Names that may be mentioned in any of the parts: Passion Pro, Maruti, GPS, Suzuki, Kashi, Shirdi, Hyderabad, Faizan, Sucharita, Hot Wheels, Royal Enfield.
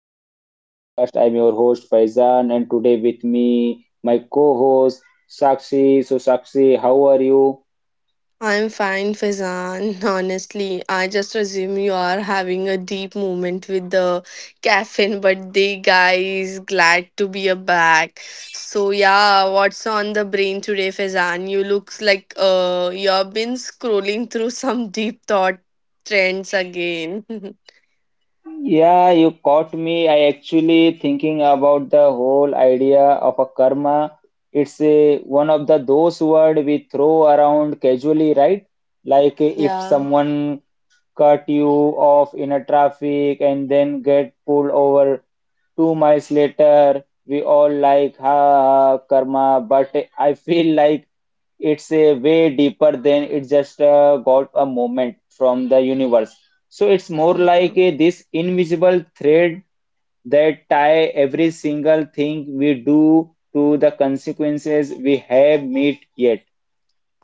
To my podcast. I'm your host Faizan, and today with me my co-host Sakshi. So Sakshi, how are you? I'm fine, Fazan. Honestly, I just assume you are having a deep moment with the caffeine, but the guy is glad to be a back. So yeah, what's on the brain today, Fazan? You looks like you've been scrolling through some deep thought trends again. Yeah, you caught me. I actually thinking about the whole idea of a karma. It's a, one of the those word we throw around casually, right? Like if Yeah. someone cut you off in a traffic and then get pulled over two miles later. We all like, ha, ha, karma, but I feel like it's a way deeper than it just got a moment from the universe. So it's more like a, this invisible thread that tie every single thing we do to the consequences we have met yet.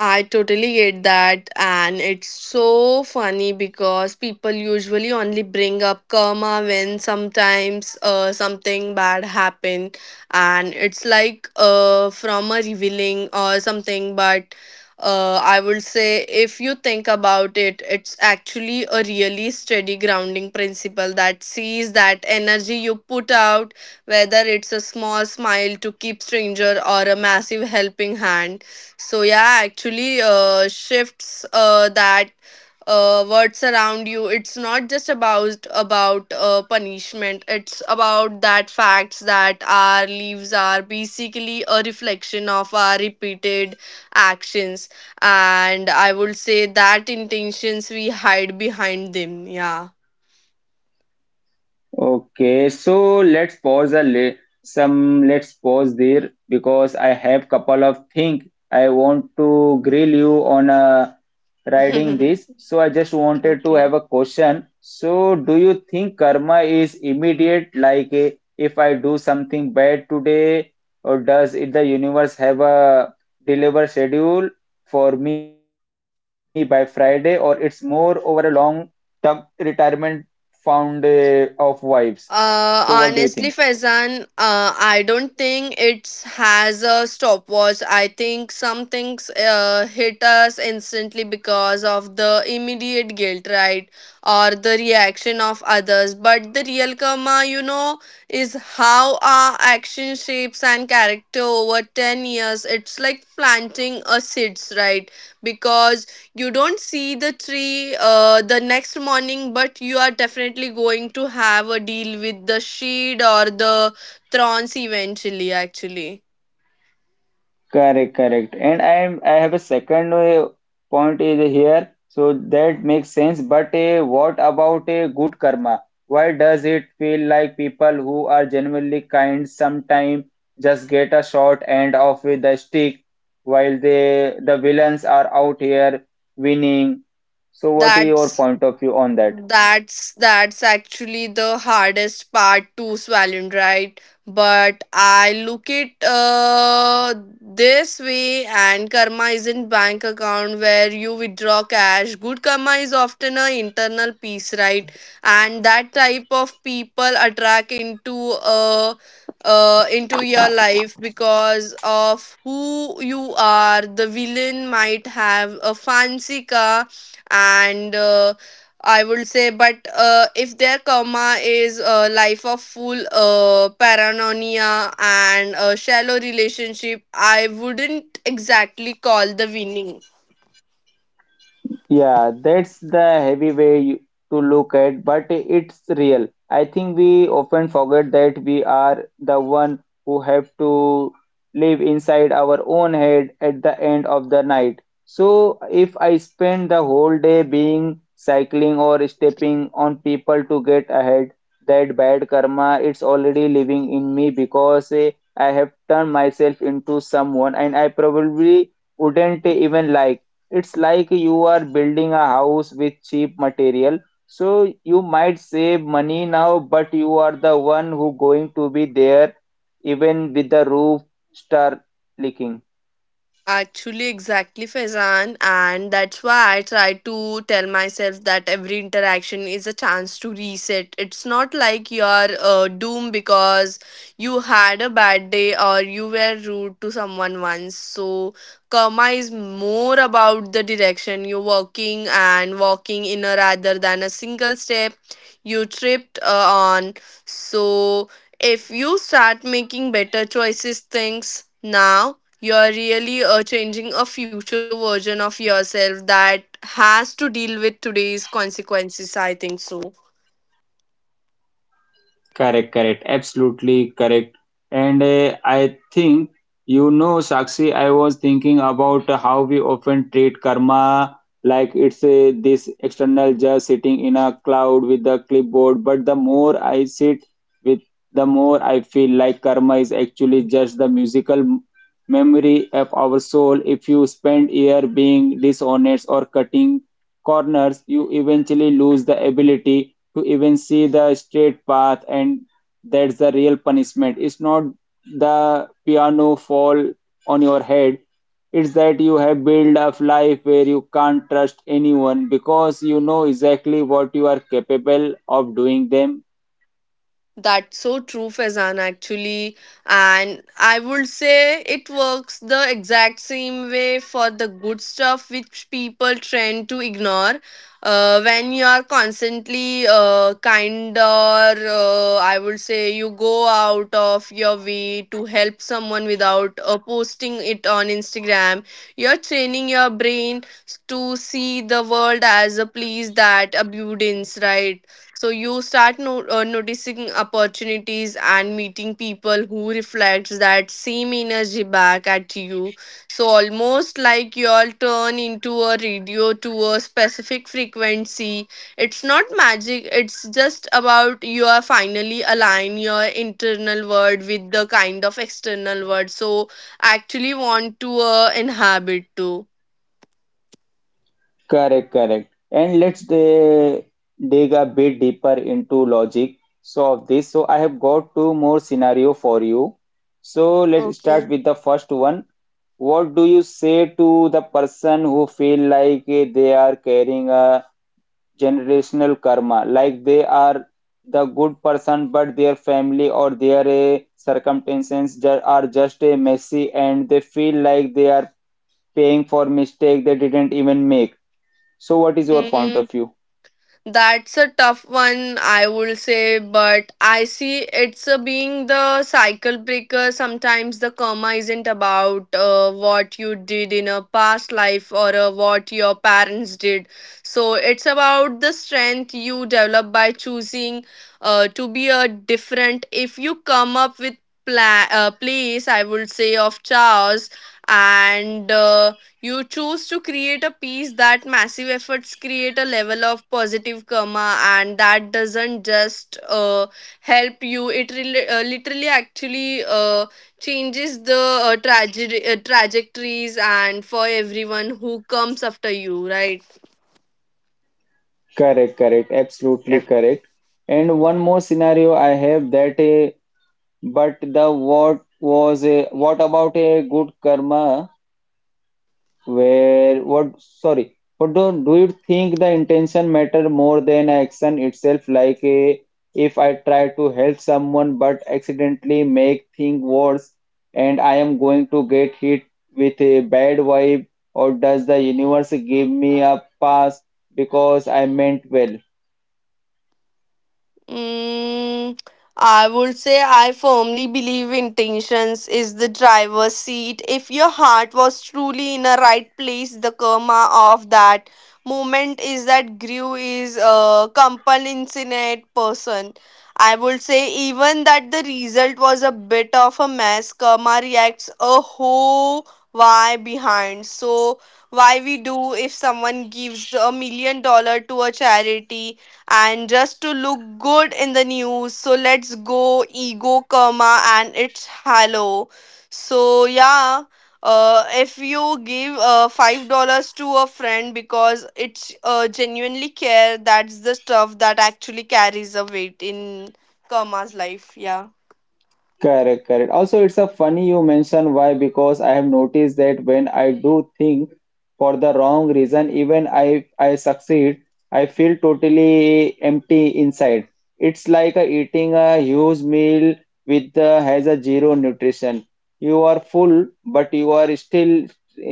I totally get that, and it's so funny because people usually only bring up karma when sometimes something bad happened, and it's like from a revealing or something. But I would say if you think about it, it's actually a really steady grounding principle that sees that energy you put out, whether it's a small smile to keep stranger or a massive helping hand. So yeah, actually, shifts that words around you. It's not just about punishment. It's about that facts that our leaves are basically a reflection of our repeated actions, and I would say that intentions we hide behind them. Yeah. Okay, so let's pause a li- some let's pause there because I have couple of things I want to grill you on riding this. So I just wanted to Okay. have a question. So do you think karma is immediate, like if I do something bad today, or does it the universe have a deliver schedule for me by Friday, or it's more over a long the retirement fund of wives. So what do you Honestly, think? Faizan, I don't think it has a stopwatch. I think some things hit us instantly because of the immediate guilt, right? Or the reaction of others. But the real karma, you know, is how our action shapes and character over 10 years. It's like planting a seeds, right? Because you don't see the tree the next morning, but you are definitely going to have a deal with the shade or the thorns eventually actually. Correct, correct. And I am I have a second point is here, so that makes sense. But what about a good karma? Why does it feel like people who are genuinely kind sometimes just get a short end of with the stick, while they the villains are out here winning? So what is that's your point of view on that? That's that's actually the hardest part to swallow, right? But I look it this way, and karma isn't bank account where you withdraw cash. Good karma is often a internal piece, right? And that type of people attract uh into your life because of who you are. The villain might have a fancy car and. I would say, but if their karma is a life of full paranoia and a shallow relationship, I wouldn't exactly call the winning. Yeah, that's the heavy way you- to look at, but it's real. I think we often forget that we are the one who have to live inside our own head at the end of the night. So if I spend the whole day being cycling or stepping on people to get ahead, that bad karma it's already living in me because I have turned myself into someone and I probably wouldn't even like. It's like you are building a house with cheap material. So you might save money now, but you are the one who going to be there even with the roof start leaking. Actually, exactly, Faizan, and that's why I try to tell myself that every interaction is a chance to reset. It's not like you're doomed because you had a bad day or you were rude to someone once. So, karma is more about the direction you're walking and walking in a rather than a single step you tripped on. So, if you start making better choices things now, you're really changing a future version of yourself that has to deal with today's consequences. I think so. Correct, correct, absolutely correct. And I think, you know, Sakshi, I was thinking about how we often treat karma like it's a, this external just sitting in a cloud with a clipboard. But the more I sit with, the more I feel like karma is actually just the memory of our soul. If you spend year being dishonest or cutting corners, you eventually lose the ability to even see the straight path, and that's the real punishment. It's not the piano fall on your head, it's that you have built up life where you can't trust anyone because you know exactly what you are capable of doing them. That's so true, Faizan, actually. And I would say it works the exact same way for the good stuff which people tend to ignore. When you are constantly kind or I would say you go out of your way to help someone without posting it on Instagram, you're training your brain to see the world as a place that abundance, right? So you start noticing opportunities and meeting people who reflects that same energy back at you. So almost like you all turn into a radio to a specific frequency. It's not magic, it's just about you are finally align your internal world with the kind of external world, so actually want to inhabit too. Correct, correct. And let's dig a bit deeper into logic so of this. So I have got two more scenario for you. So let's start Okay. with the first one. What do you say to the person who feel like they are carrying a generational karma, like they are the good person, but their family or their are just messy, and they feel like they are paying for mistake they didn't even make. So, what is your point Hmm. of view? That's a tough one, I would say, but I see it's a being the cycle breaker. Sometimes the karma isn't about what you did in a past life or what your parents did. So it's about the strength you develop by choosing to be a different. If you come up with place, I would say, of chaos and. You choose to create a piece that massive efforts create a level of positive karma, and that doesn't just help you. It literally actually changes the trajectories and for everyone who comes after you, right? Correct, correct, absolutely correct. And one more scenario I have that a but the what was a what about a good karma? Where what sorry, do you think the intention matter more than action itself? Like a, if I try to help someone but accidentally make things worse and I am going to get hit with a bad vibe, or does the universe give me a pass because I meant well? Mm, I would say I firmly believe intentions is the driver's seat. If your heart was truly in a right place, the karma of that moment is that grew is a compassionate person. I would say even that the result was a bit of a mess. Karma reacts a whole why behind. So why we do if someone gives $1 million to a charity and just to look good in the news. So let's go ego karma and it's hello. So yeah, if you give $5 to a friend because it's genuinely care, that's the stuff that actually carries a weight in karma's life. Yeah. Correct, correct. Also, it's a funny you mention why because I have noticed that when I do think for the wrong reason, even I succeed, I feel totally empty inside. It's like eating a huge meal with has a zero nutrition. You are full, but you are still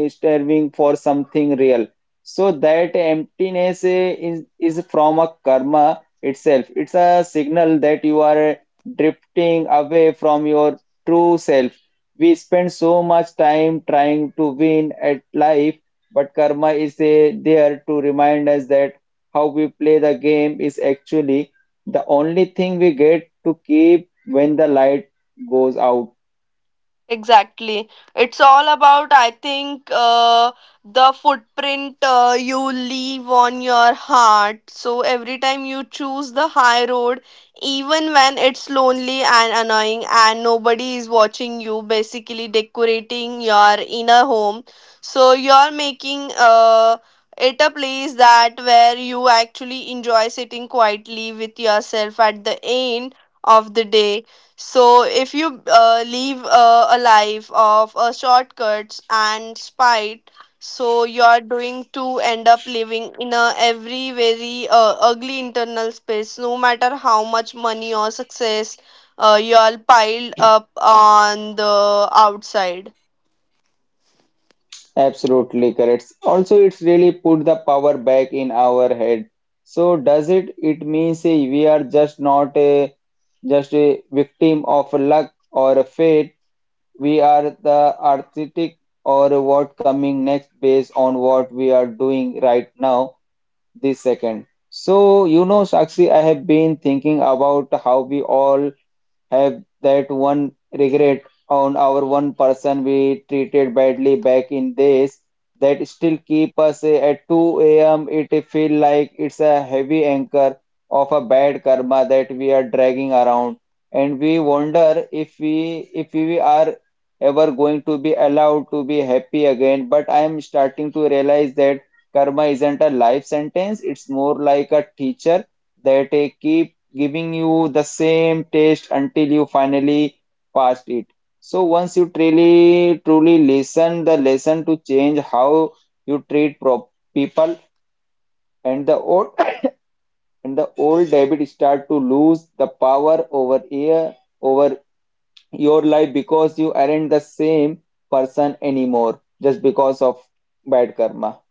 starving for something real. So that emptiness is from a karma itself. It's a signal that you are drifting away from your true self. We spend so much time trying to win at life, but karma is a, there to remind us that how we play the game is actually the only thing we get to keep when the light goes out. Exactly. It's all about, I think, the footprint you leave on your heart. So every time you choose the high road, even when it's lonely and annoying and nobody is watching you, basically decorating your inner home. So you're making it a place that where you actually enjoy sitting quietly with yourself at the end of the day. So, if you live a life of shortcuts and spite, so you are doing to end up living in a every very ugly internal space, no matter how much money or success you all piled up on the outside. Absolutely correct. Also, it's really put the power back in our head. So does it? It means we are just not a just a victim of luck or a fate. We are the architect or what coming next based on what we are doing right now, this second. So, you know, Sakshi, I have been thinking about how we all have that one regret on our one person we treated badly back in days that still keep us at 2 a.m. It feel like it's a heavy anchor of a bad karma that we are dragging around, and we wonder if we are ever going to be allowed to be happy again. But I am starting to realize that karma isn't a life sentence; it's more like a teacher that keeps giving you the same taste until you finally passed it. So once you truly listen the lesson to change how you treat people, and the old habit start to lose the power over here over your life because you aren't the same person anymore just because of bad karma.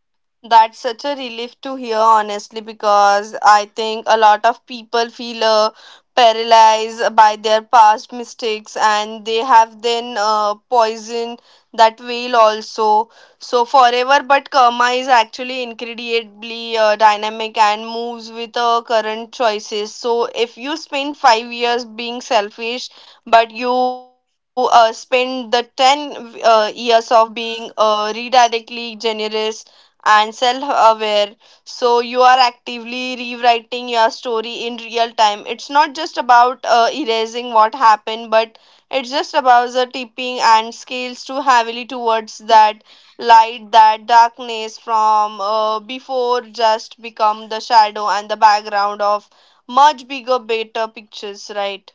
That's such a relief to hear, honestly, because I think a lot of people feel paralyzed by their past mistakes and they have then poisoned that veil also. So, forever but karma is actually incredibly dynamic and moves with current choices. So, if you spend 5 years being selfish, but you spend the 10 years of being redirectly generous and self aware. So you are actively rewriting your story in real time. It's not just about erasing what happened, but it's just about the tipping and scales too heavily towards that light, that darkness from before just become the shadow and the background of much bigger, better pictures, right?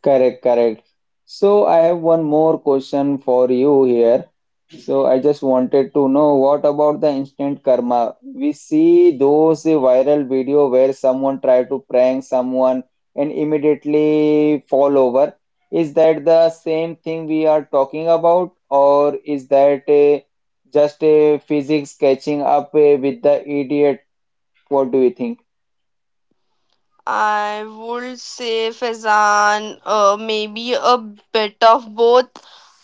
Correct, correct. So I have one more question for you here. So I just wanted to know what about the instant karma? We see those viral video where someone try to prank someone and immediately fall over. Is that the same thing we are talking about, or is that a, just a physics catching up with the idiot? What do you think? I would say Faizan, maybe a bit of both,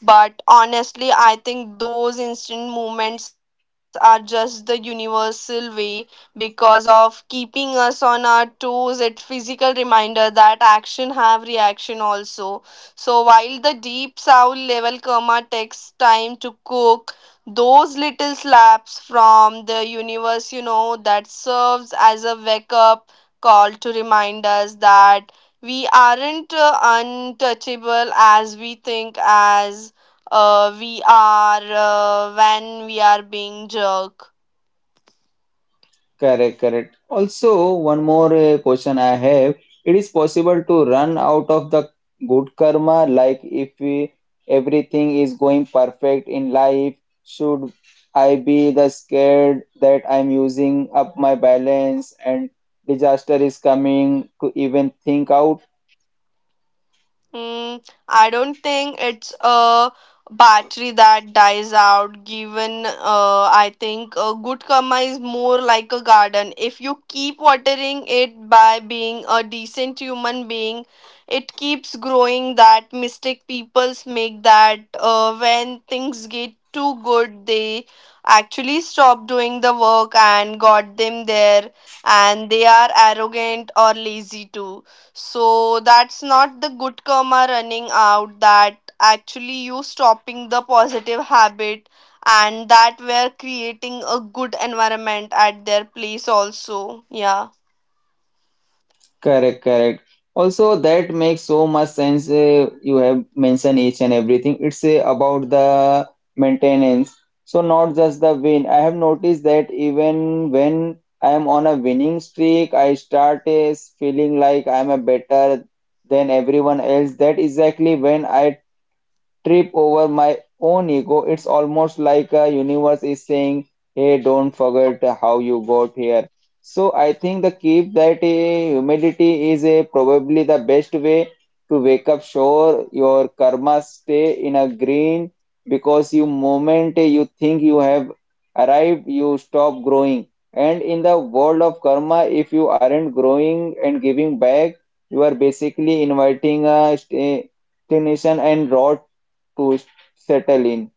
but honestly, I think those instant moments are just the universal way because of keeping us on our toes. It's physical reminder that action have reaction also. So while the deep sound level karma takes time to cook, those little slaps from the universe, you know, that serves as a wake up call to remind us that we aren't untouchable as we think as we are when we are being jerk. Correct, correct. Also, one more question I have. It is possible to run out of the good karma, like if we, everything is going perfect in life, should I be the scared that I'm using up my balance and disaster is coming to even think out? Mm, I don't think it's a battery that dies out, given I think a good karma is more like a garden. If you keep watering it by being a decent human being, it keeps growing. That mistake peoples make that when things get too good, they actually stop doing the work and got them there, and they are arrogant or lazy too, so that's not the good karma running out, that actually you stopping the positive habit and that we're creating a good environment at their place also. Yeah. Correct, correct. Also, that makes so much sense. You have mentioned each and everything. It's about the maintenance. So, not just the win. I have noticed that even when I am on a winning streak, I start feeling like I'm a better than everyone else. That exactly when I trip over my own ego. It's almost like a universe is saying, "Hey, don't forget how you got here." So I think the keep that humility is a probably the best way to wake up. Sure, your karma stay in a green because you moment you think you have arrived, you stop growing. And in the world of karma, if you aren't growing and giving back, you are basically inviting a stagnation and rot to settle in.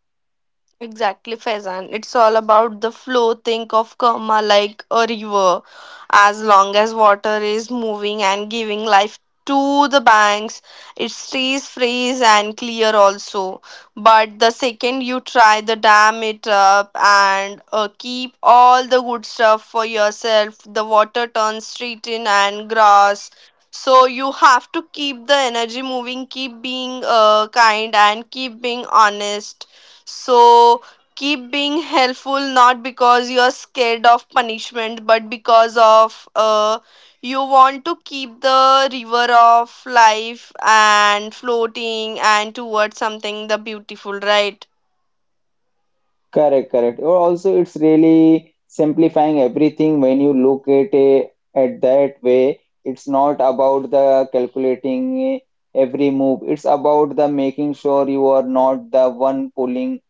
Exactly, Faizan. It's all about the flow. Think of karma like a river. As long as water is moving and giving life to the banks, it stays fresh and clear also. But the second you try the dam it up and keep all the good stuff for yourself, the water turns straight in and grass. So you have to keep the energy moving, keep being kind, and keep being honest. So keep being helpful not because you're scared of punishment, but because of you want to keep the river of life and floating and towards something the beautiful, right? Correct, correct. Or also, it's really simplifying everything when you look at it at that way. It's not about the calculating every move. It's about the making sure you are not the one pulling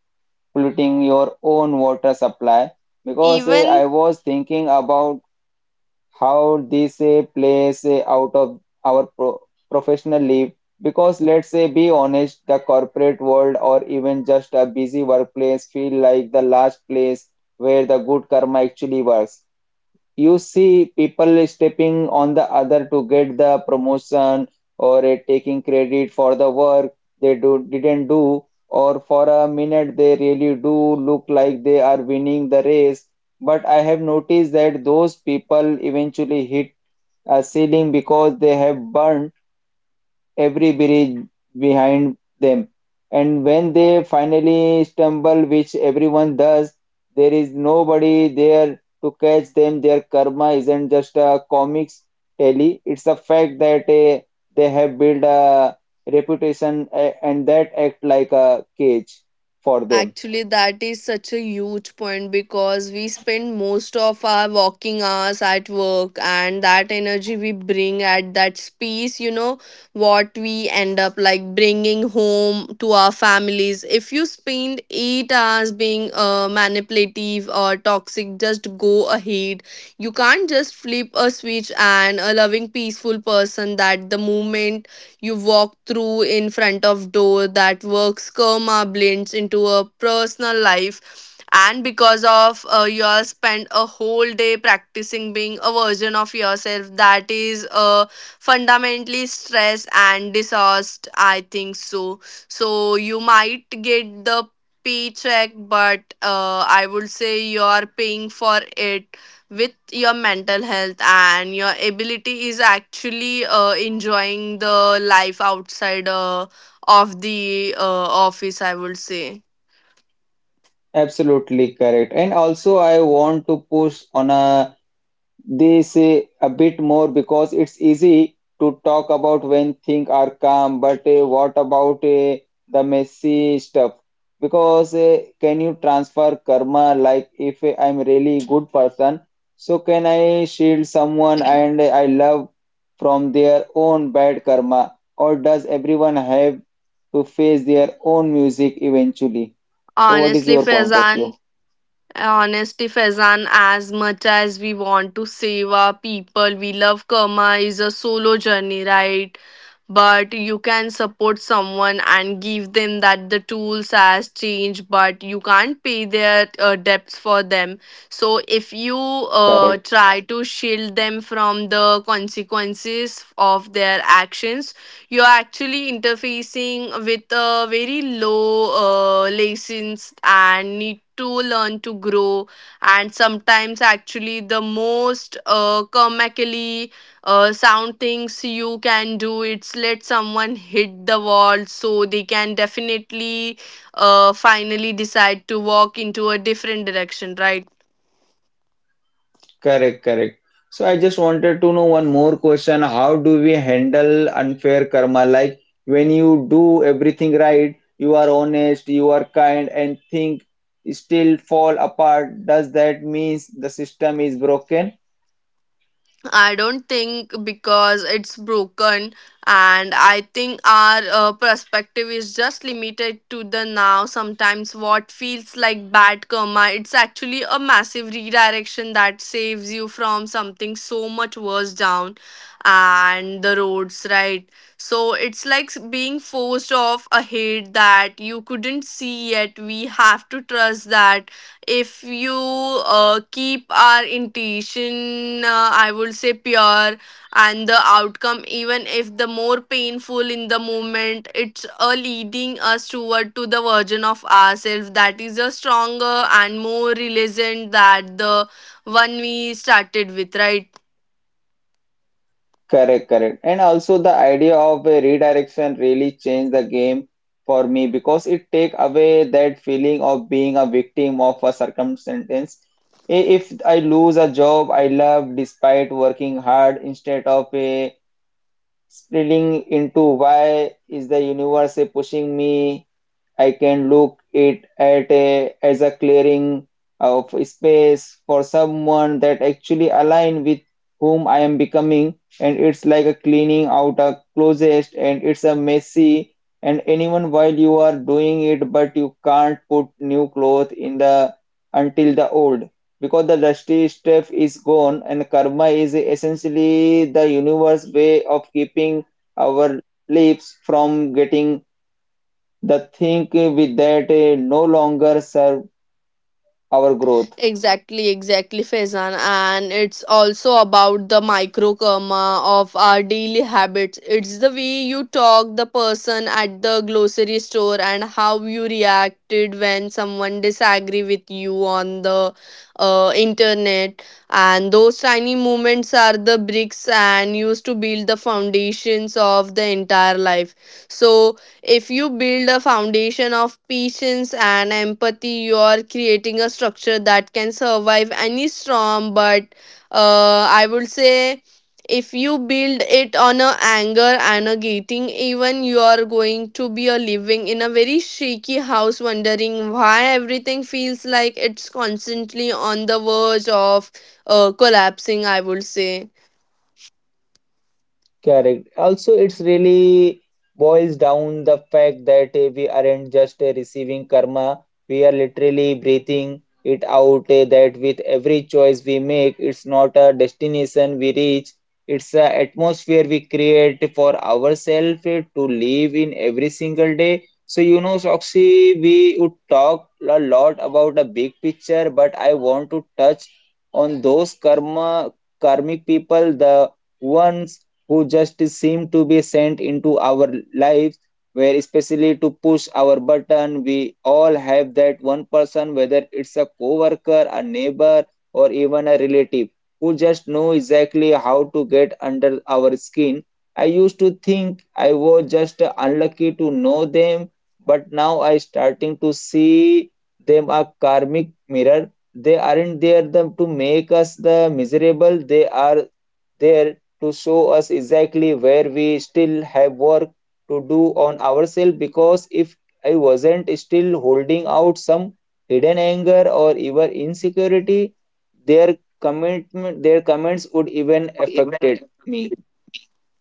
polluting your own water supply. Because Even I was thinking about how this plays out of our professional life because let's say be honest the corporate world or even just a busy workplace feel like the last place where the good karma actually works. You see people stepping on the other to get the promotion or taking credit for the work they do didn't do, or for a minute they really do look like they are winning the race, but I have noticed that those people eventually hit a ceiling because they have burned every bridge behind them. And when they finally stumble, which everyone does, there is nobody there to catch them. Their karma isn't just a comics tally, it's a fact that they have built a reputation and that act like a cage for them. actually, that is such a huge point because we spend most of our working hours at work, and that energy we bring at that space, you know, what we end up like bringing home to our families. If you spend 8 hours being manipulative or toxic, just go ahead. You can't just flip a switch and a loving, peaceful person that the moment you walk through in front of door that works karma blends into a personal life and because of you all spend a whole day practicing being a version of yourself that is fundamentally stressed and dishonest, I think so. So you might get the paycheck but I would say you are paying for it with your mental health and your ability is actually enjoying the life outside of the office, I would say. Absolutely correct. And also, I want to push on a they say a bit more because it's easy to talk about when things are calm, but what about the messy stuff? Because can you transfer karma? Like if I'm really good person, so can I shield someone and I love from their own bad karma? Or does everyone have to face their own music eventually? So what is Honestly your point of Faizan. view? Honesty, Faizan, as much as we want to save our people, we love karma is a solo journey, right? But you can support someone and give them that the tools as change, but you can't pay their debts for them. So if you Correct. try to shield them from the consequences of their actions, you're actually interfacing with a very low license and need to learn to grow, and sometimes actually the most comically sound things you can do it's let someone hit the wall so they can definitely finally decide to walk into a different direction, right? Correct, correct. So I just wanted to know one more question. How do we handle unfair karma? Like when you do everything right, you are honest, you are kind, and think still fall apart, does that means the system is broken? I don't think because it's broken, and I think our perspective is just limited to the now. Sometimes, what feels like bad karma, it's actually a massive redirection that saves you from something so much worse down and the roads, right? So, it's like being forced off ahead that you couldn't see yet. We have to trust that if you keep our intention, I would say, pure, and the outcome, even if the more painful in the moment, it's leading us toward to the version of ourselves that is a stronger and more resilient that the one we started with, right? Correct, correct. And also the idea of a redirection really changed the game for me because it take away that feeling of being a victim of a circumstance. I- If I lose a job I love despite working hard instead of a splitting into why is the universe pushing me, I can look it at a, as a clearing of space for someone that actually align with whom I am becoming. And it's like a cleaning out a closet and it's a messy and anyone while you are doing it, but you can't put new clothes in the until the old because the dusty stuff is gone. And karma is essentially the universe way of keeping our lives from getting the thing with that no longer serve our growth. Exactly, exactly, Faizan. And it's also about the micro karma of our daily habits. It's the way you talk the person at the grocery store and how you reacted when someone disagree with you on the internet. And those tiny moments are the bricks and used to build the foundations of the entire life. So if you build a foundation of patience and empathy, you are creating a structure that can survive any storm. But I would say if you build it on a anger and a gating, even you are going to be a living in a very shaky house, wondering why everything feels like it's constantly on the verge of collapsing, I would say. Correct. Also, it's really boils down the fact that we aren't just receiving karma, we are literally breathing it out. That with every choice we make, it's not a destination we reach, it's an atmosphere we create for ourselves to live in every single day. So, you know, Soxy, we would talk a lot about the big picture, but I want to touch on those karmic people, the ones who just seem to be sent into our lives, where especially to push our button. We all have that one person, whether it's a coworker, a neighbor, or even a relative, who just know exactly how to get under our skin. I used to think I was just unlucky to know them, but now I starting to see them a karmic mirror. They aren't there them to make us the miserable, they are there to show us exactly where we still have work to do on ourselves. Because if I wasn't still holding out some hidden anger or even insecurity, their commitment, their comments would even affected me.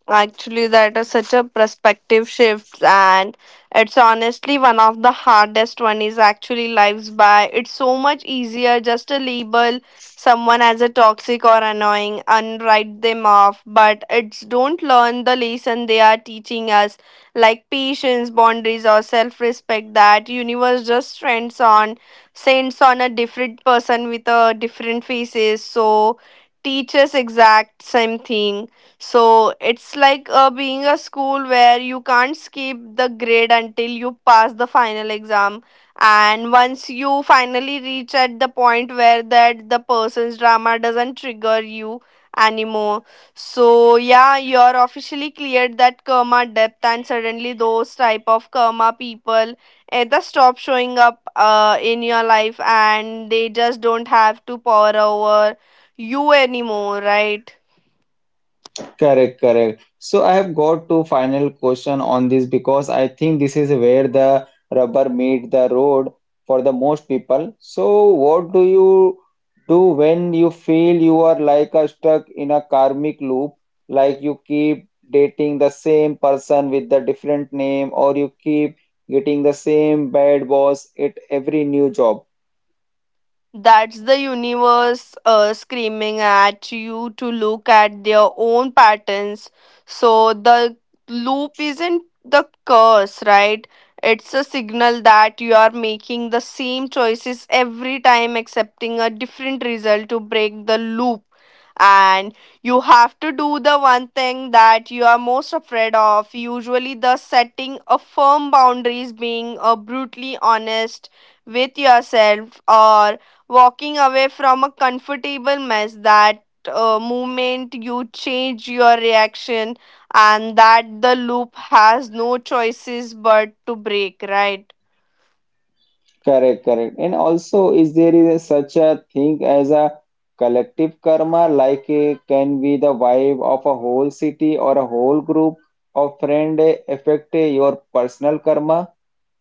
Actually, that is such a perspective shift, and it's honestly one of the hardest one is actually lives by. It's so much easier just to label someone as a toxic or annoying and write them off, but it's don't learn the lesson they are teaching us, like patience, boundaries, or self-respect. That universe just sends on a different person with a different faces, so teaches exact same thing. So it's like being a school where you can't skip the grade until you pass the final exam. And once you finally reach at the point where that the person's drama doesn't trigger you anymore. So yeah, you're officially cleared that karma depth, and suddenly those type of karma people either stop showing up in your life, and they just don't have to power over you anymore, right? Correct, correct. So I have got two final question on this because I think this is where the rubber meet the road for the most people. So what do you do when you feel you are like a stuck in a karmic loop, like you keep dating the same person with the different name or you keep getting the same bad boss at every new job? That's the universe screaming at you to look at their own patterns. So the loop isn't the curse, right? It's a signal that you are making the same choices every time, accepting a different result to break the loop. And you have to do the one thing that you are most afraid of. Usually, the setting a firm boundaries, being brutally honest with yourself, or walking away from a comfortable mess that moment you change your reaction, and that the loop has no choices but to break, right? Correct, correct. And also, is there is a, such a thing as a collective karma, like a, can be the vibe of a whole city or a whole group of friend affect your personal karma?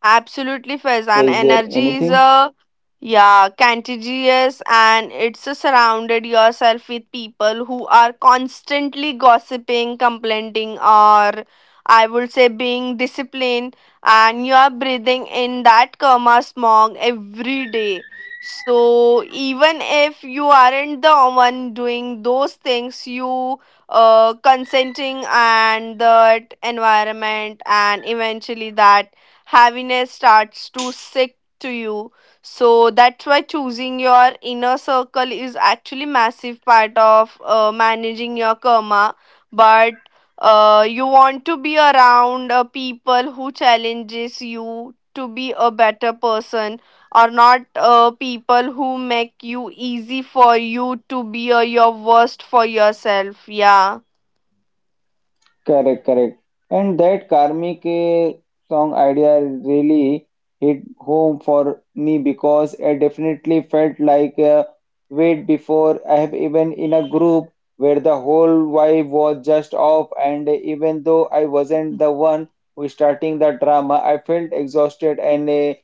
Absolutely, So, Faizan. is there Energy is anything? a yeah, contagious, and it's a surrounded yourself with people who are constantly gossiping, complaining, or, I would say, being disciplined, and you are breathing in that karma smog every day. So even if you aren't the one doing those things, you consenting and that environment, and eventually that heaviness starts to stick to you. So that's why choosing your inner circle is actually massive part of managing your karma. But you want to be around people who challenges you to be a better person, or not people who make you easy for you to be your worst for yourself, yeah. Correct, correct. And that karmic song idea really hit home for me because I definitely felt like a wait before I have even in a group where the whole vibe was just off, and even though I wasn't the one who starting the drama, I felt exhausted and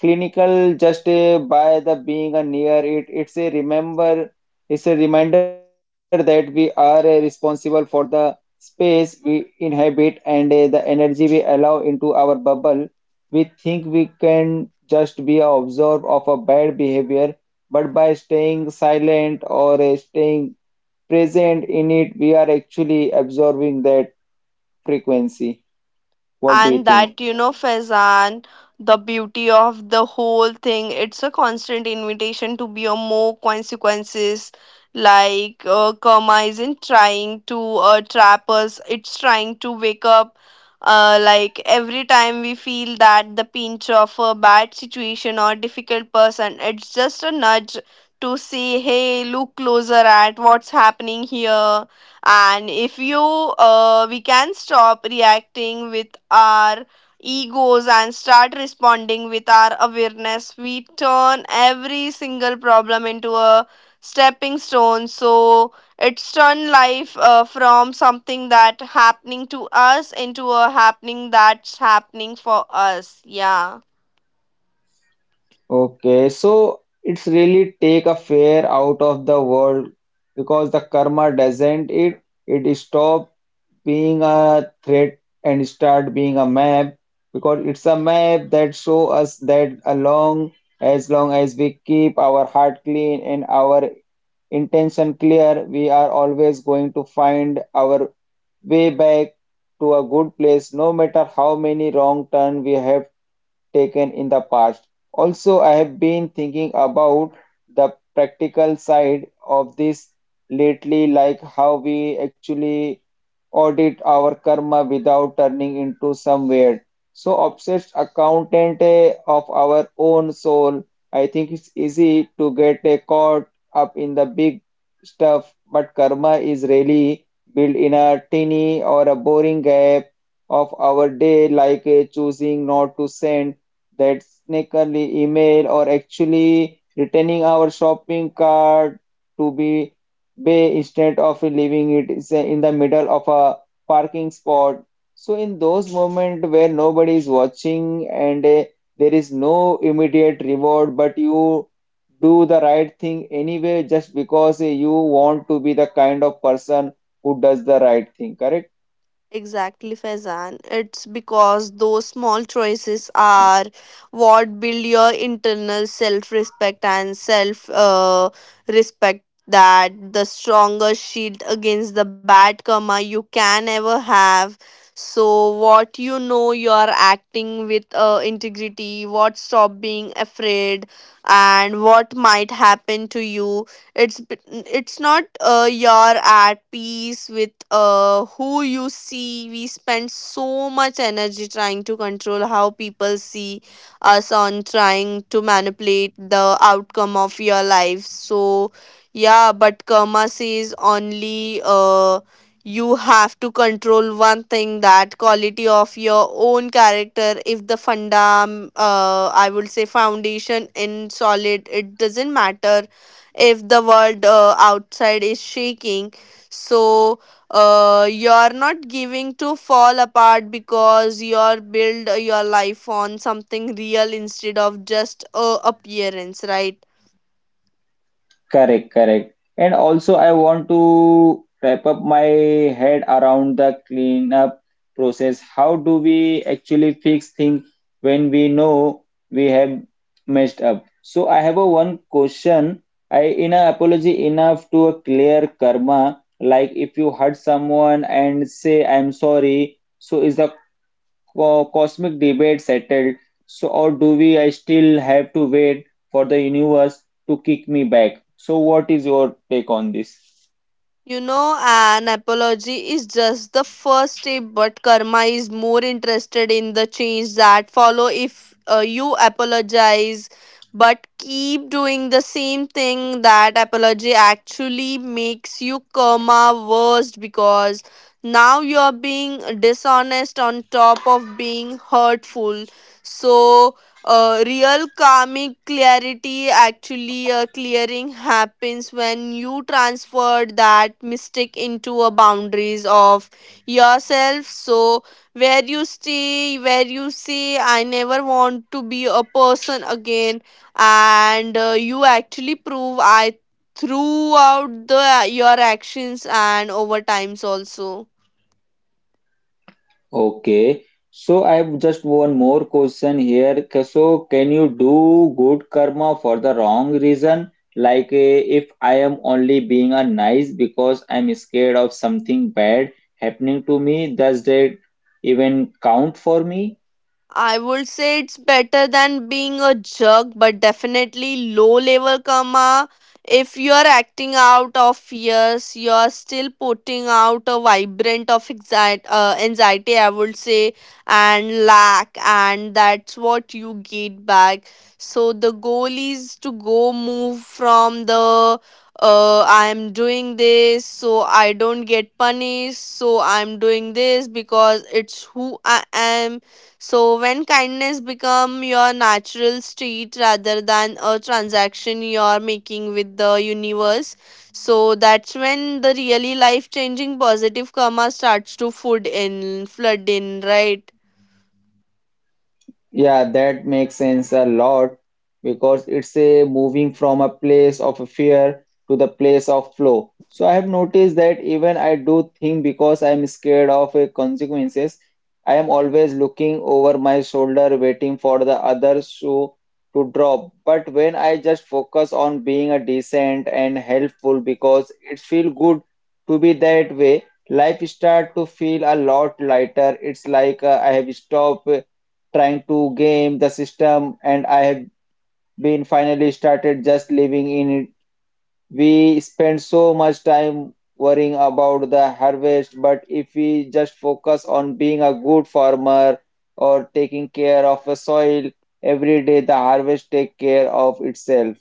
clinical just by the being a near it. It's a remember, it's a reminder that we are responsible for the space we inhabit and the energy we allow into our bubble. We think we can just be a observer of a bad behavior, but by staying silent or staying present in it, we are actually absorbing that frequency. What do you And think? that Faizan, the beauty of the whole thing it's a constant invitation to be a more consequences, like karma isn't trying to trap us, it's trying to wake up. Like every time we feel that the pinch of a bad situation or difficult person, it's just a nudge to say, hey, look closer at what's happening here. And if you we can stop reacting with our egos and start responding with our awareness, we turn every single problem into a stepping stone. So it's turn life from something that happening to us into a happening that's happening for us, yeah. Okay, so it's really take a fear out of the world because the karma doesn't it it stop being a threat and start being a map, because it's a map that show us that along as long as we keep our heart clean and our intention clear, we are always going to find our way back to a good place, no matter how many wrong turn we have taken in the past. Also, I have been thinking about the practical side of this lately, like how we actually audit our karma without turning into some weird, so obsessed accountant of our own soul. I think it's easy to get caught up in the big stuff, but karma is really built in a tiny or a boring gap of our day, like choosing not to send that sneakily email or actually returning our shopping cart to be bay instead of leaving it is in the middle of a parking spot. So in those moments where nobody is watching and there is no immediate reward, but you do the right thing anyway just because you want to be the kind of person who does the right thing, correct? Exactly, Faizan. It's because those small choices are what build your internal self respect and self, respect that the strongest shield against the bad karma you can ever have. So, what you are acting with integrity, what stop being afraid, and what might happen to you, it's not you're at peace with who you see. We spend so much energy trying to control how people see us on trying to manipulate the outcome of your life. So yeah, but karma says only you have to control one thing, that quality of your own character. If the fundam I would say foundation in solid, it doesn't matter if the world outside is shaking. So you're not giving to fall apart because you're build your life on something real instead of just a appearance, right? Correct, correct. And also, I want to wrap up my head around the cleanup process. How do we actually fix things when we know we have messed up? So I have a one question. I in a apology enough to a clear karma. Like if you hurt someone and say I'm sorry, so is the cosmic debate settled, so or do we I still have to wait for the universe to kick me back? So what is your take on this? You know, an apology is just the first step, but karma is more interested in the change that follow. If you apologize but keep doing the same thing, that apology actually makes you karma worse because now you are being dishonest on top of being hurtful. So real karmic clarity actually clearing happens when you transfer that mistake into a boundaries of yourself. So where you say, I never want to be a person again, and you actually prove I throughout the your actions and over times also. Okay, so I have just one more question here. So can you do good karma for the wrong reason? Like if I am only being a nice because I'm scared of something bad happening to me, does that even count for me? I would say it's better than being a jerk, but definitely low level karma. If you're acting out of fears, you're still putting out a vibrant of anxiety, anxiety, I would say, and lack, and that's what you get back. So the goal is to go move from the I'm doing this so I don't get punished, so I'm doing this because it's who I am. So when kindness become your natural state rather than a transaction you're making with the universe, so that's when the really life changing positive karma starts to food in flood in, right? Yeah, that makes sense a lot because it's a moving from a place of fear to the place of flow. So I have noticed that even I do think because I'm scared of consequences, I am always looking over my shoulder waiting for the other shoe to drop. But when I just focus on being a decent and helpful because it feels good to be that way, life start to feel a lot lighter. It's like I have stopped trying to game the system and I have been finally started just living in it. We spend so much time worrying about the harvest, but if we just focus on being a good farmer or taking care of the soil every day, the harvest take care of itself.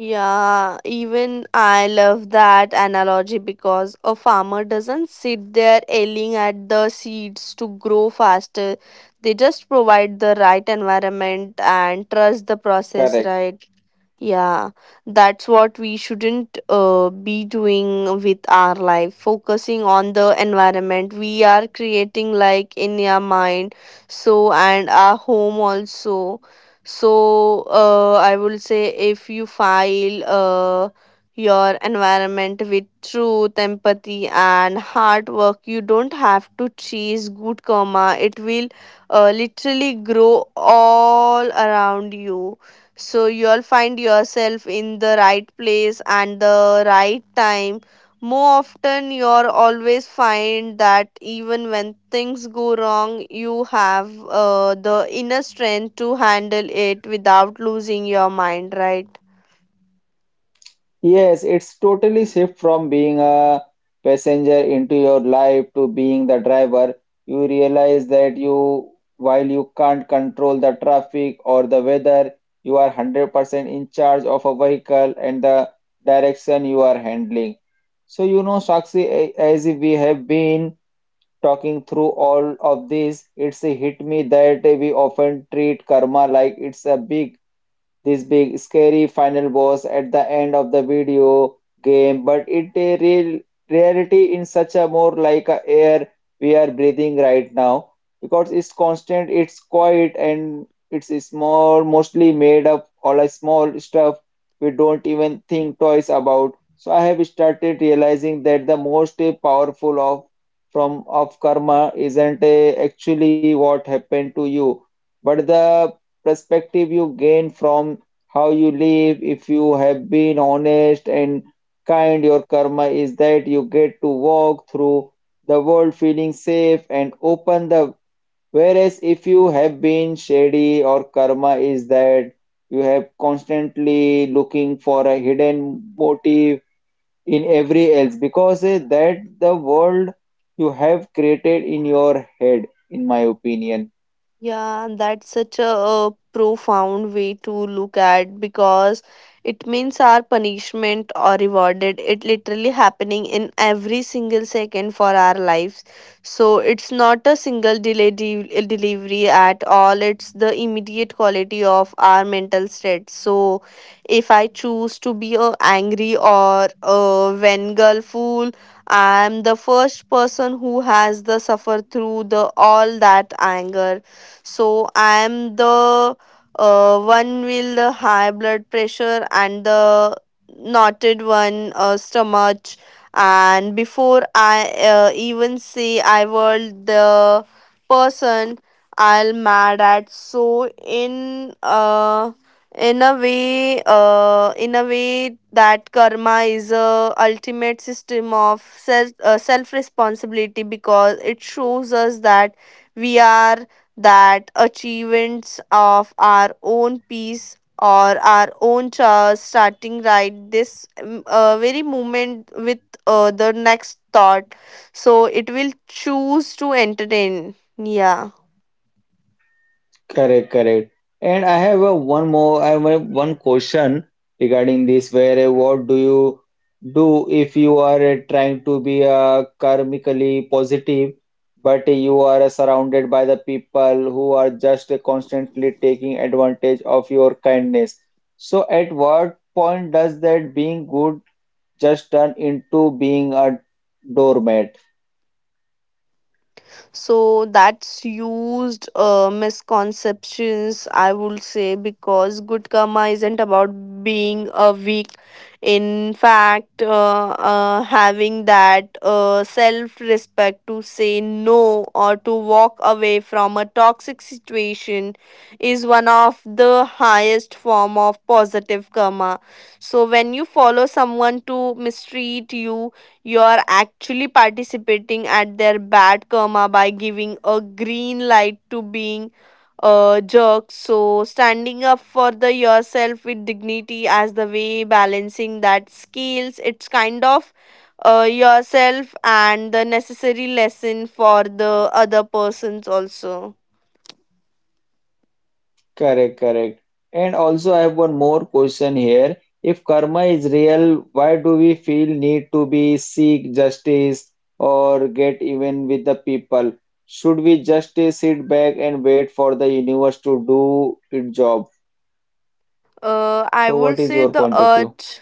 Yeah, even I love that analogy because a farmer doesn't sit there yelling at the seeds to grow faster. They just provide the right environment and trust the process, Correct. right? Yeah, that's what we shouldn't be doing with our life, focusing on the environment we are creating, like in your mind, so and our home also. So, I will say if you file your environment with truth, empathy, and hard work, you don't have to chase good karma, it will literally grow all around you. So you'll find yourself in the right place and the right time more often. You'll always find that even when things go wrong, you have the inner strength to handle it without losing your mind, right? Yes, it's totally shift from being a passenger into your life to being the driver. You realize that you, while you can't control the traffic or the weather, you are 100% in charge of a vehicle and the direction you are handling. So, you know, Sakshi, as we have been talking through all of this, it's hit me that we often treat karma like it's a big this big scary final boss at the end of the video game, but it a real reality in such a more like a air we are breathing right now because it's constant, it's quiet, and it's small, mostly made up all a small stuff we don't even think twice about. So I have started realizing that the most powerful of from of karma isn't actually what happened to you, but the perspective you gain from how you live. If you have been honest and kind, your karma is that you get to walk through the world feeling safe and open the, whereas if you have been shady or karma is that you have constantly looking for a hidden motive in every else because that the world you have created in your head, in my opinion. Yeah, and that's such a, profound way to look at, because it means our punishment or rewarded it literally happening in every single second for our lives. So it's not a single delivery at all. It's the immediate quality of our mental state. So if I choose to be a angry or a vengeful fool, I am the first person who has the suffer through the all that anger. So I am the one with the high blood pressure and the knotted one stomach, and before I even say I was the person I'll mad at. So in a way that karma is a ultimate system of self, self responsibility, because it shows us that we are that achievements of our own peace or our own ch- starting right this very moment with the next thought. So it will choose to entertain, yeah. Correct, correct. And I have a one question regarding this, where what do you do if you are trying to be karmically positive, but you are surrounded by the people who are just constantly taking advantage of your kindness. So at what point does that being good just turn into being a doormat? So that's used misconceptions, I would say, because good karma isn't about being a weak. In fact, having that self respect to say no or to walk away from a toxic situation is one of the highest form of positive karma. So when you follow someone to mistreat you, you are actually participating at their bad karma by giving a green light to being a jerk. So, standing up for the yourself with dignity as the way balancing that scales. It's kind of yourself and the necessary lesson for the other persons also. Correct, correct. And also, I have one more question here. If karma is real, why do we feel need to be seek justice or get even with the people? Should we just sit back and wait for the universe to do its job? Uh, I So, would what is say your the point of view? urge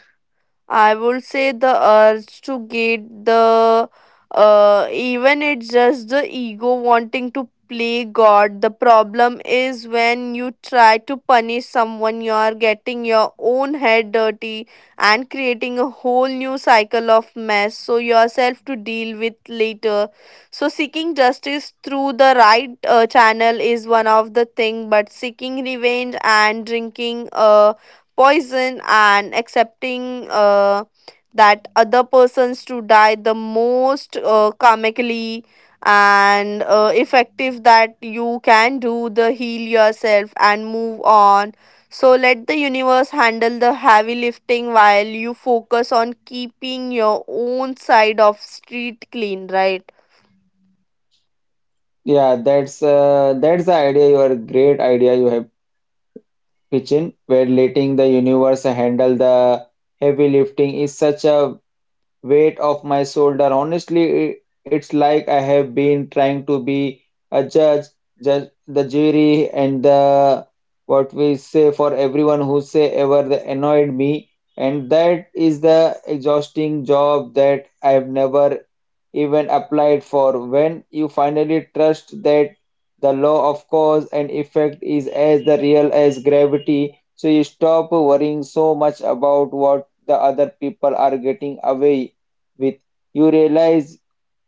I would say the urge to get the even it's just the ego wanting to play God. The problem is when you try to punish someone, you are getting your own head dirty and creating a whole new cycle of mess. So yourself to deal with later. So seeking justice through the right channel is one of the thing, but seeking revenge and drinking poison and accepting that other persons to die the most karmically and effective that you can do the heal yourself and move on. So let the universe handle the heavy lifting while you focus on keeping your own side of street clean, right? Yeah, that's the idea. Your great idea you have pitched in, where letting the universe handle the heavy lifting is such a weight off my shoulder. Honestly, it's like I have been trying to be a judge the jury, and the what we say for everyone who say ever they annoyed me. And that is the exhausting job that I have never even applied for, when you finally trust that the law of cause and effect is as the real as gravity, so you stop worrying so much about what the other people are getting away with. You realize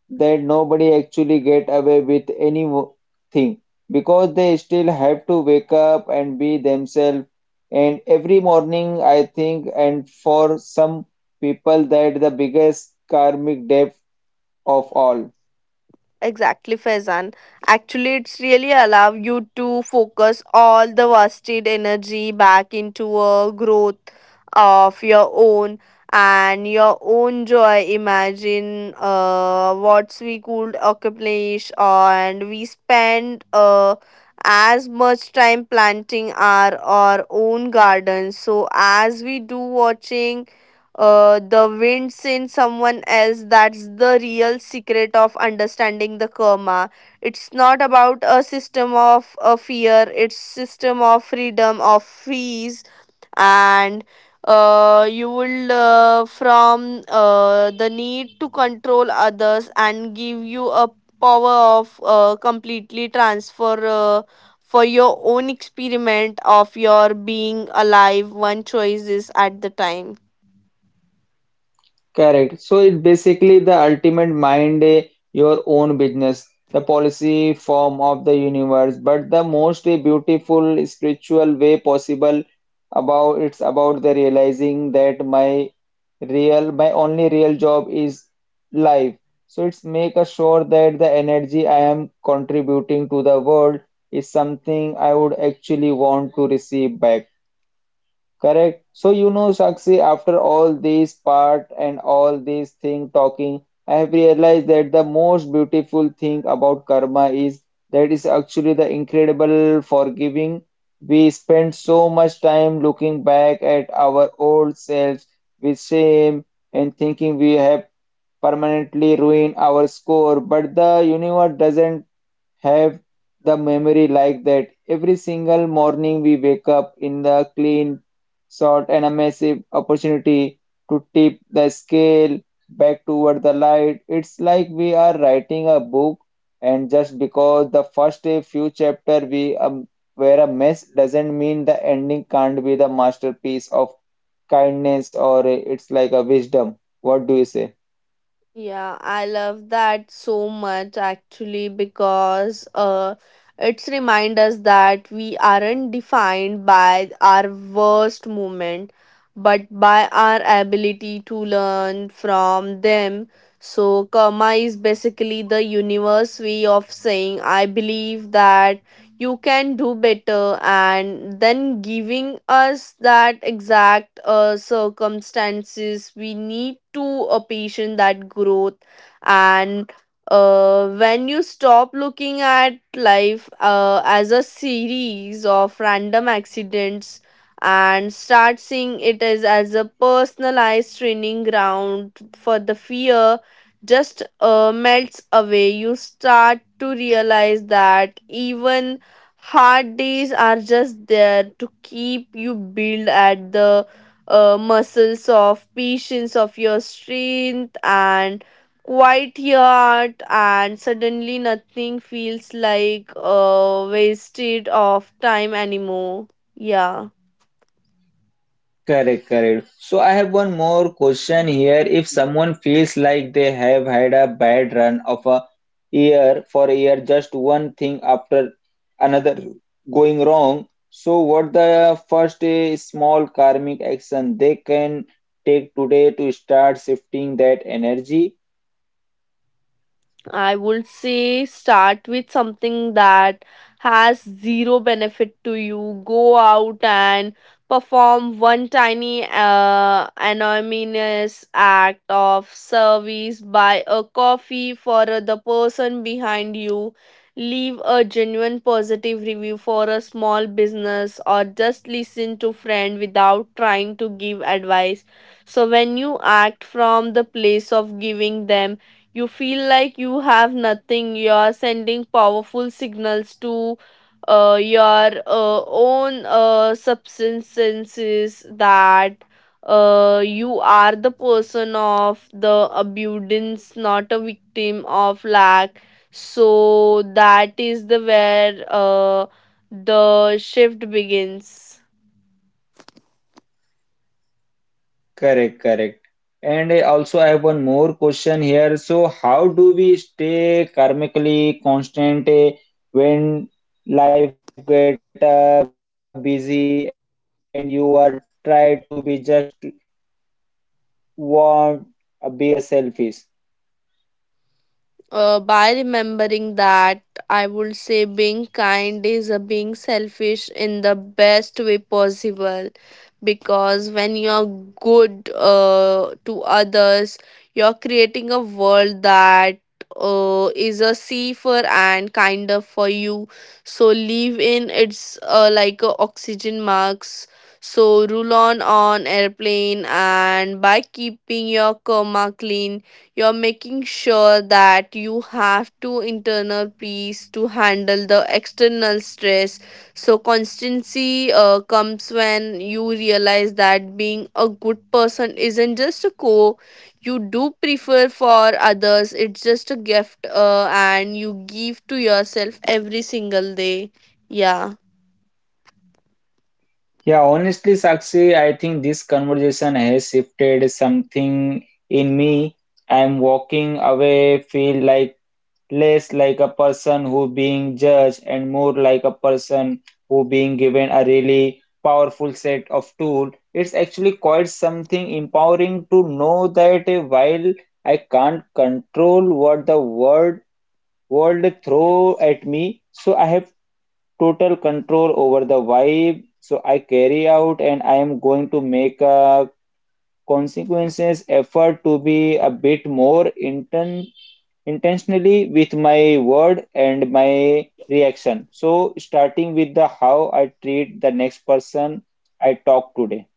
that nobody actually get away with anything because they still have to wake up and be themselves. And every morning, I think, and for some people, that the biggest karmic debt of all. Exactly, Faizan. Actually, it's really allow you to focus all the wasted energy back into a growth of your own and your own joy. Imagine what we could accomplish, and we spend as much time planting our own gardens. So, as we do watching the winds in someone else. That's the real secret of understanding the karma. It's not about a system of a fear, it's system of freedom of fees. And you will from the need to control others and give you a power of completely transfer for your own experiment of your being alive, one choice is at the time. Correct. So it's basically the ultimate mind, your own business, the policy form of the universe, but the most beautiful spiritual way possible about it's about the realizing that my only real job is life. So it's make us sure that the energy I am contributing to the world is something I would actually want to receive back. Correct. So you know, Sakshi, after all this part and all this thing talking, I have realized that the most beautiful thing about karma is that is actually the incredible forgiving. We spend so much time looking back at our old selves with shame and thinking we have permanently ruined our score, but the universe doesn't have the memory like that. Every single morning we wake up in the clean sort and a massive opportunity to tip the scale back toward the light. It's like we are writing a book, and just because the first few chapter we were a mess doesn't mean the ending can't be the masterpiece of kindness or it's like a wisdom. What do you say? Yeah, I love that so much actually because it's remind us that we aren't defined by our worst moment, but by our ability to learn from them. So karma is basically the universe way of saying I believe that you can do better, and then giving us that exact circumstances we need to patient that growth. And when you stop looking at life as a series of random accidents and start seeing it as a personalized training ground for the fear, just melts away. You start to realize that even hard days are just there to keep you build at the muscles of patience of your strength and quiet heart, and suddenly nothing feels like a wasted of time anymore. Yeah. Correct, correct. So I have one more question here. If someone feels like they have had a bad run of a year for a year, just one thing after another going wrong, so what the first small karmic action they can take today to start shifting that energy? I would say start with something that has zero benefit to you. Go out and perform one tiny anonymous act of service. Buy a coffee for the person behind you. Leave a genuine positive review for a small business, or just listen to friend without trying to give advice. So when you act from the place of giving them, you feel like you have nothing. You are sending powerful signals to your own substances that you are the person of the abundance, not a victim of lack. So that is the where the shift begins. Correct, correct. And also, I have one more question here. So, how do we stay karmically constant when life get busy and you are try to be just want be a selfish? By remembering that I would say being kind is a being selfish in the best way possible, because when you're good to others, you're creating a world that is a safer and kinder for you. So leave in it's like a oxygen marks, so rule on airplane, and by keeping your karma clean, you're making sure that you have to internal peace to handle the external stress. So constancy comes when you realize that being a good person isn't just a core you do prefer for others. It's just a gift and you give to yourself every single day. Yeah. Yeah, honestly, Sakshi, I think this conversation has shifted something in me. I'm walking away, feel like less like a person who being judged and more like a person who being given a really powerful set of tool. It's actually quite something empowering to know that while I can't control what the world throw at me, so I have total control over the vibe. So I carry out and I am going to make a consequences effort to be a bit more intentionally with my word and my reaction. So, starting with the how I treat the next person I talk today.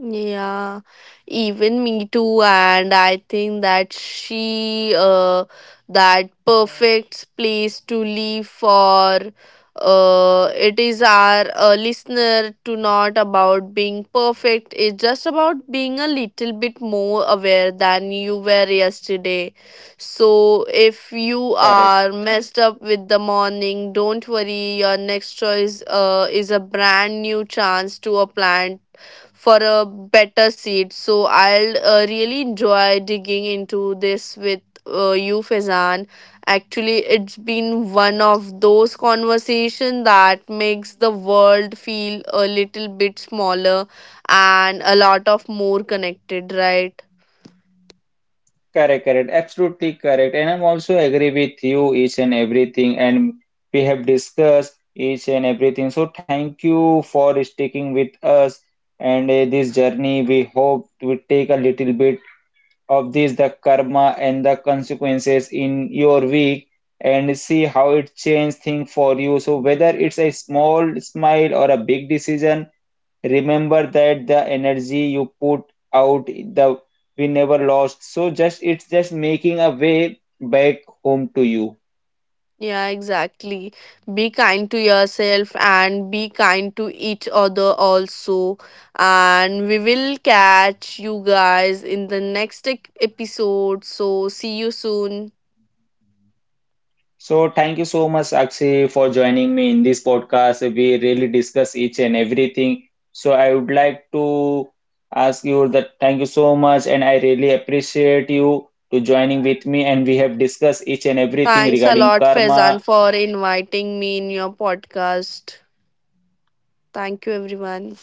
Yeah, even me too, and I think that she that perfect place to live for it is our listener to not about being perfect, it's just about being a little bit more aware than you were yesterday. So if you Correct, are messed up with the morning, don't worry, your next choice is a brand new chance to a plan for a better seat. So I'll really enjoy digging into this with you, Fezan. Actually, it's been one of those conversations that makes the world feel a little bit smaller and a lot of more connected, right? Correct, absolutely correct. And I'm also agree with you each and everything, and we have discussed each and everything. So thank you for sticking with us and this journey. We hope we take a little bit of this, the karma and the consequences in your week, and see how it changed things for you. So, whether it's a small smile or a big decision, remember that the energy you put out, the we never lost. So, just it's just making a way back home to you. Yeah, exactly. Be kind to yourself and be kind to each other also. And we will catch you guys in the next episode. So, see you soon. So, thank you so much, Akshi, for joining me in this podcast. We really discuss each and everything. So, I would like to ask you that thank you so much, and I really appreciate you to joining with me. And we have discussed each and everything Thanks a regarding lot, Faizan, karma for inviting me in your podcast. Thank you, everyone.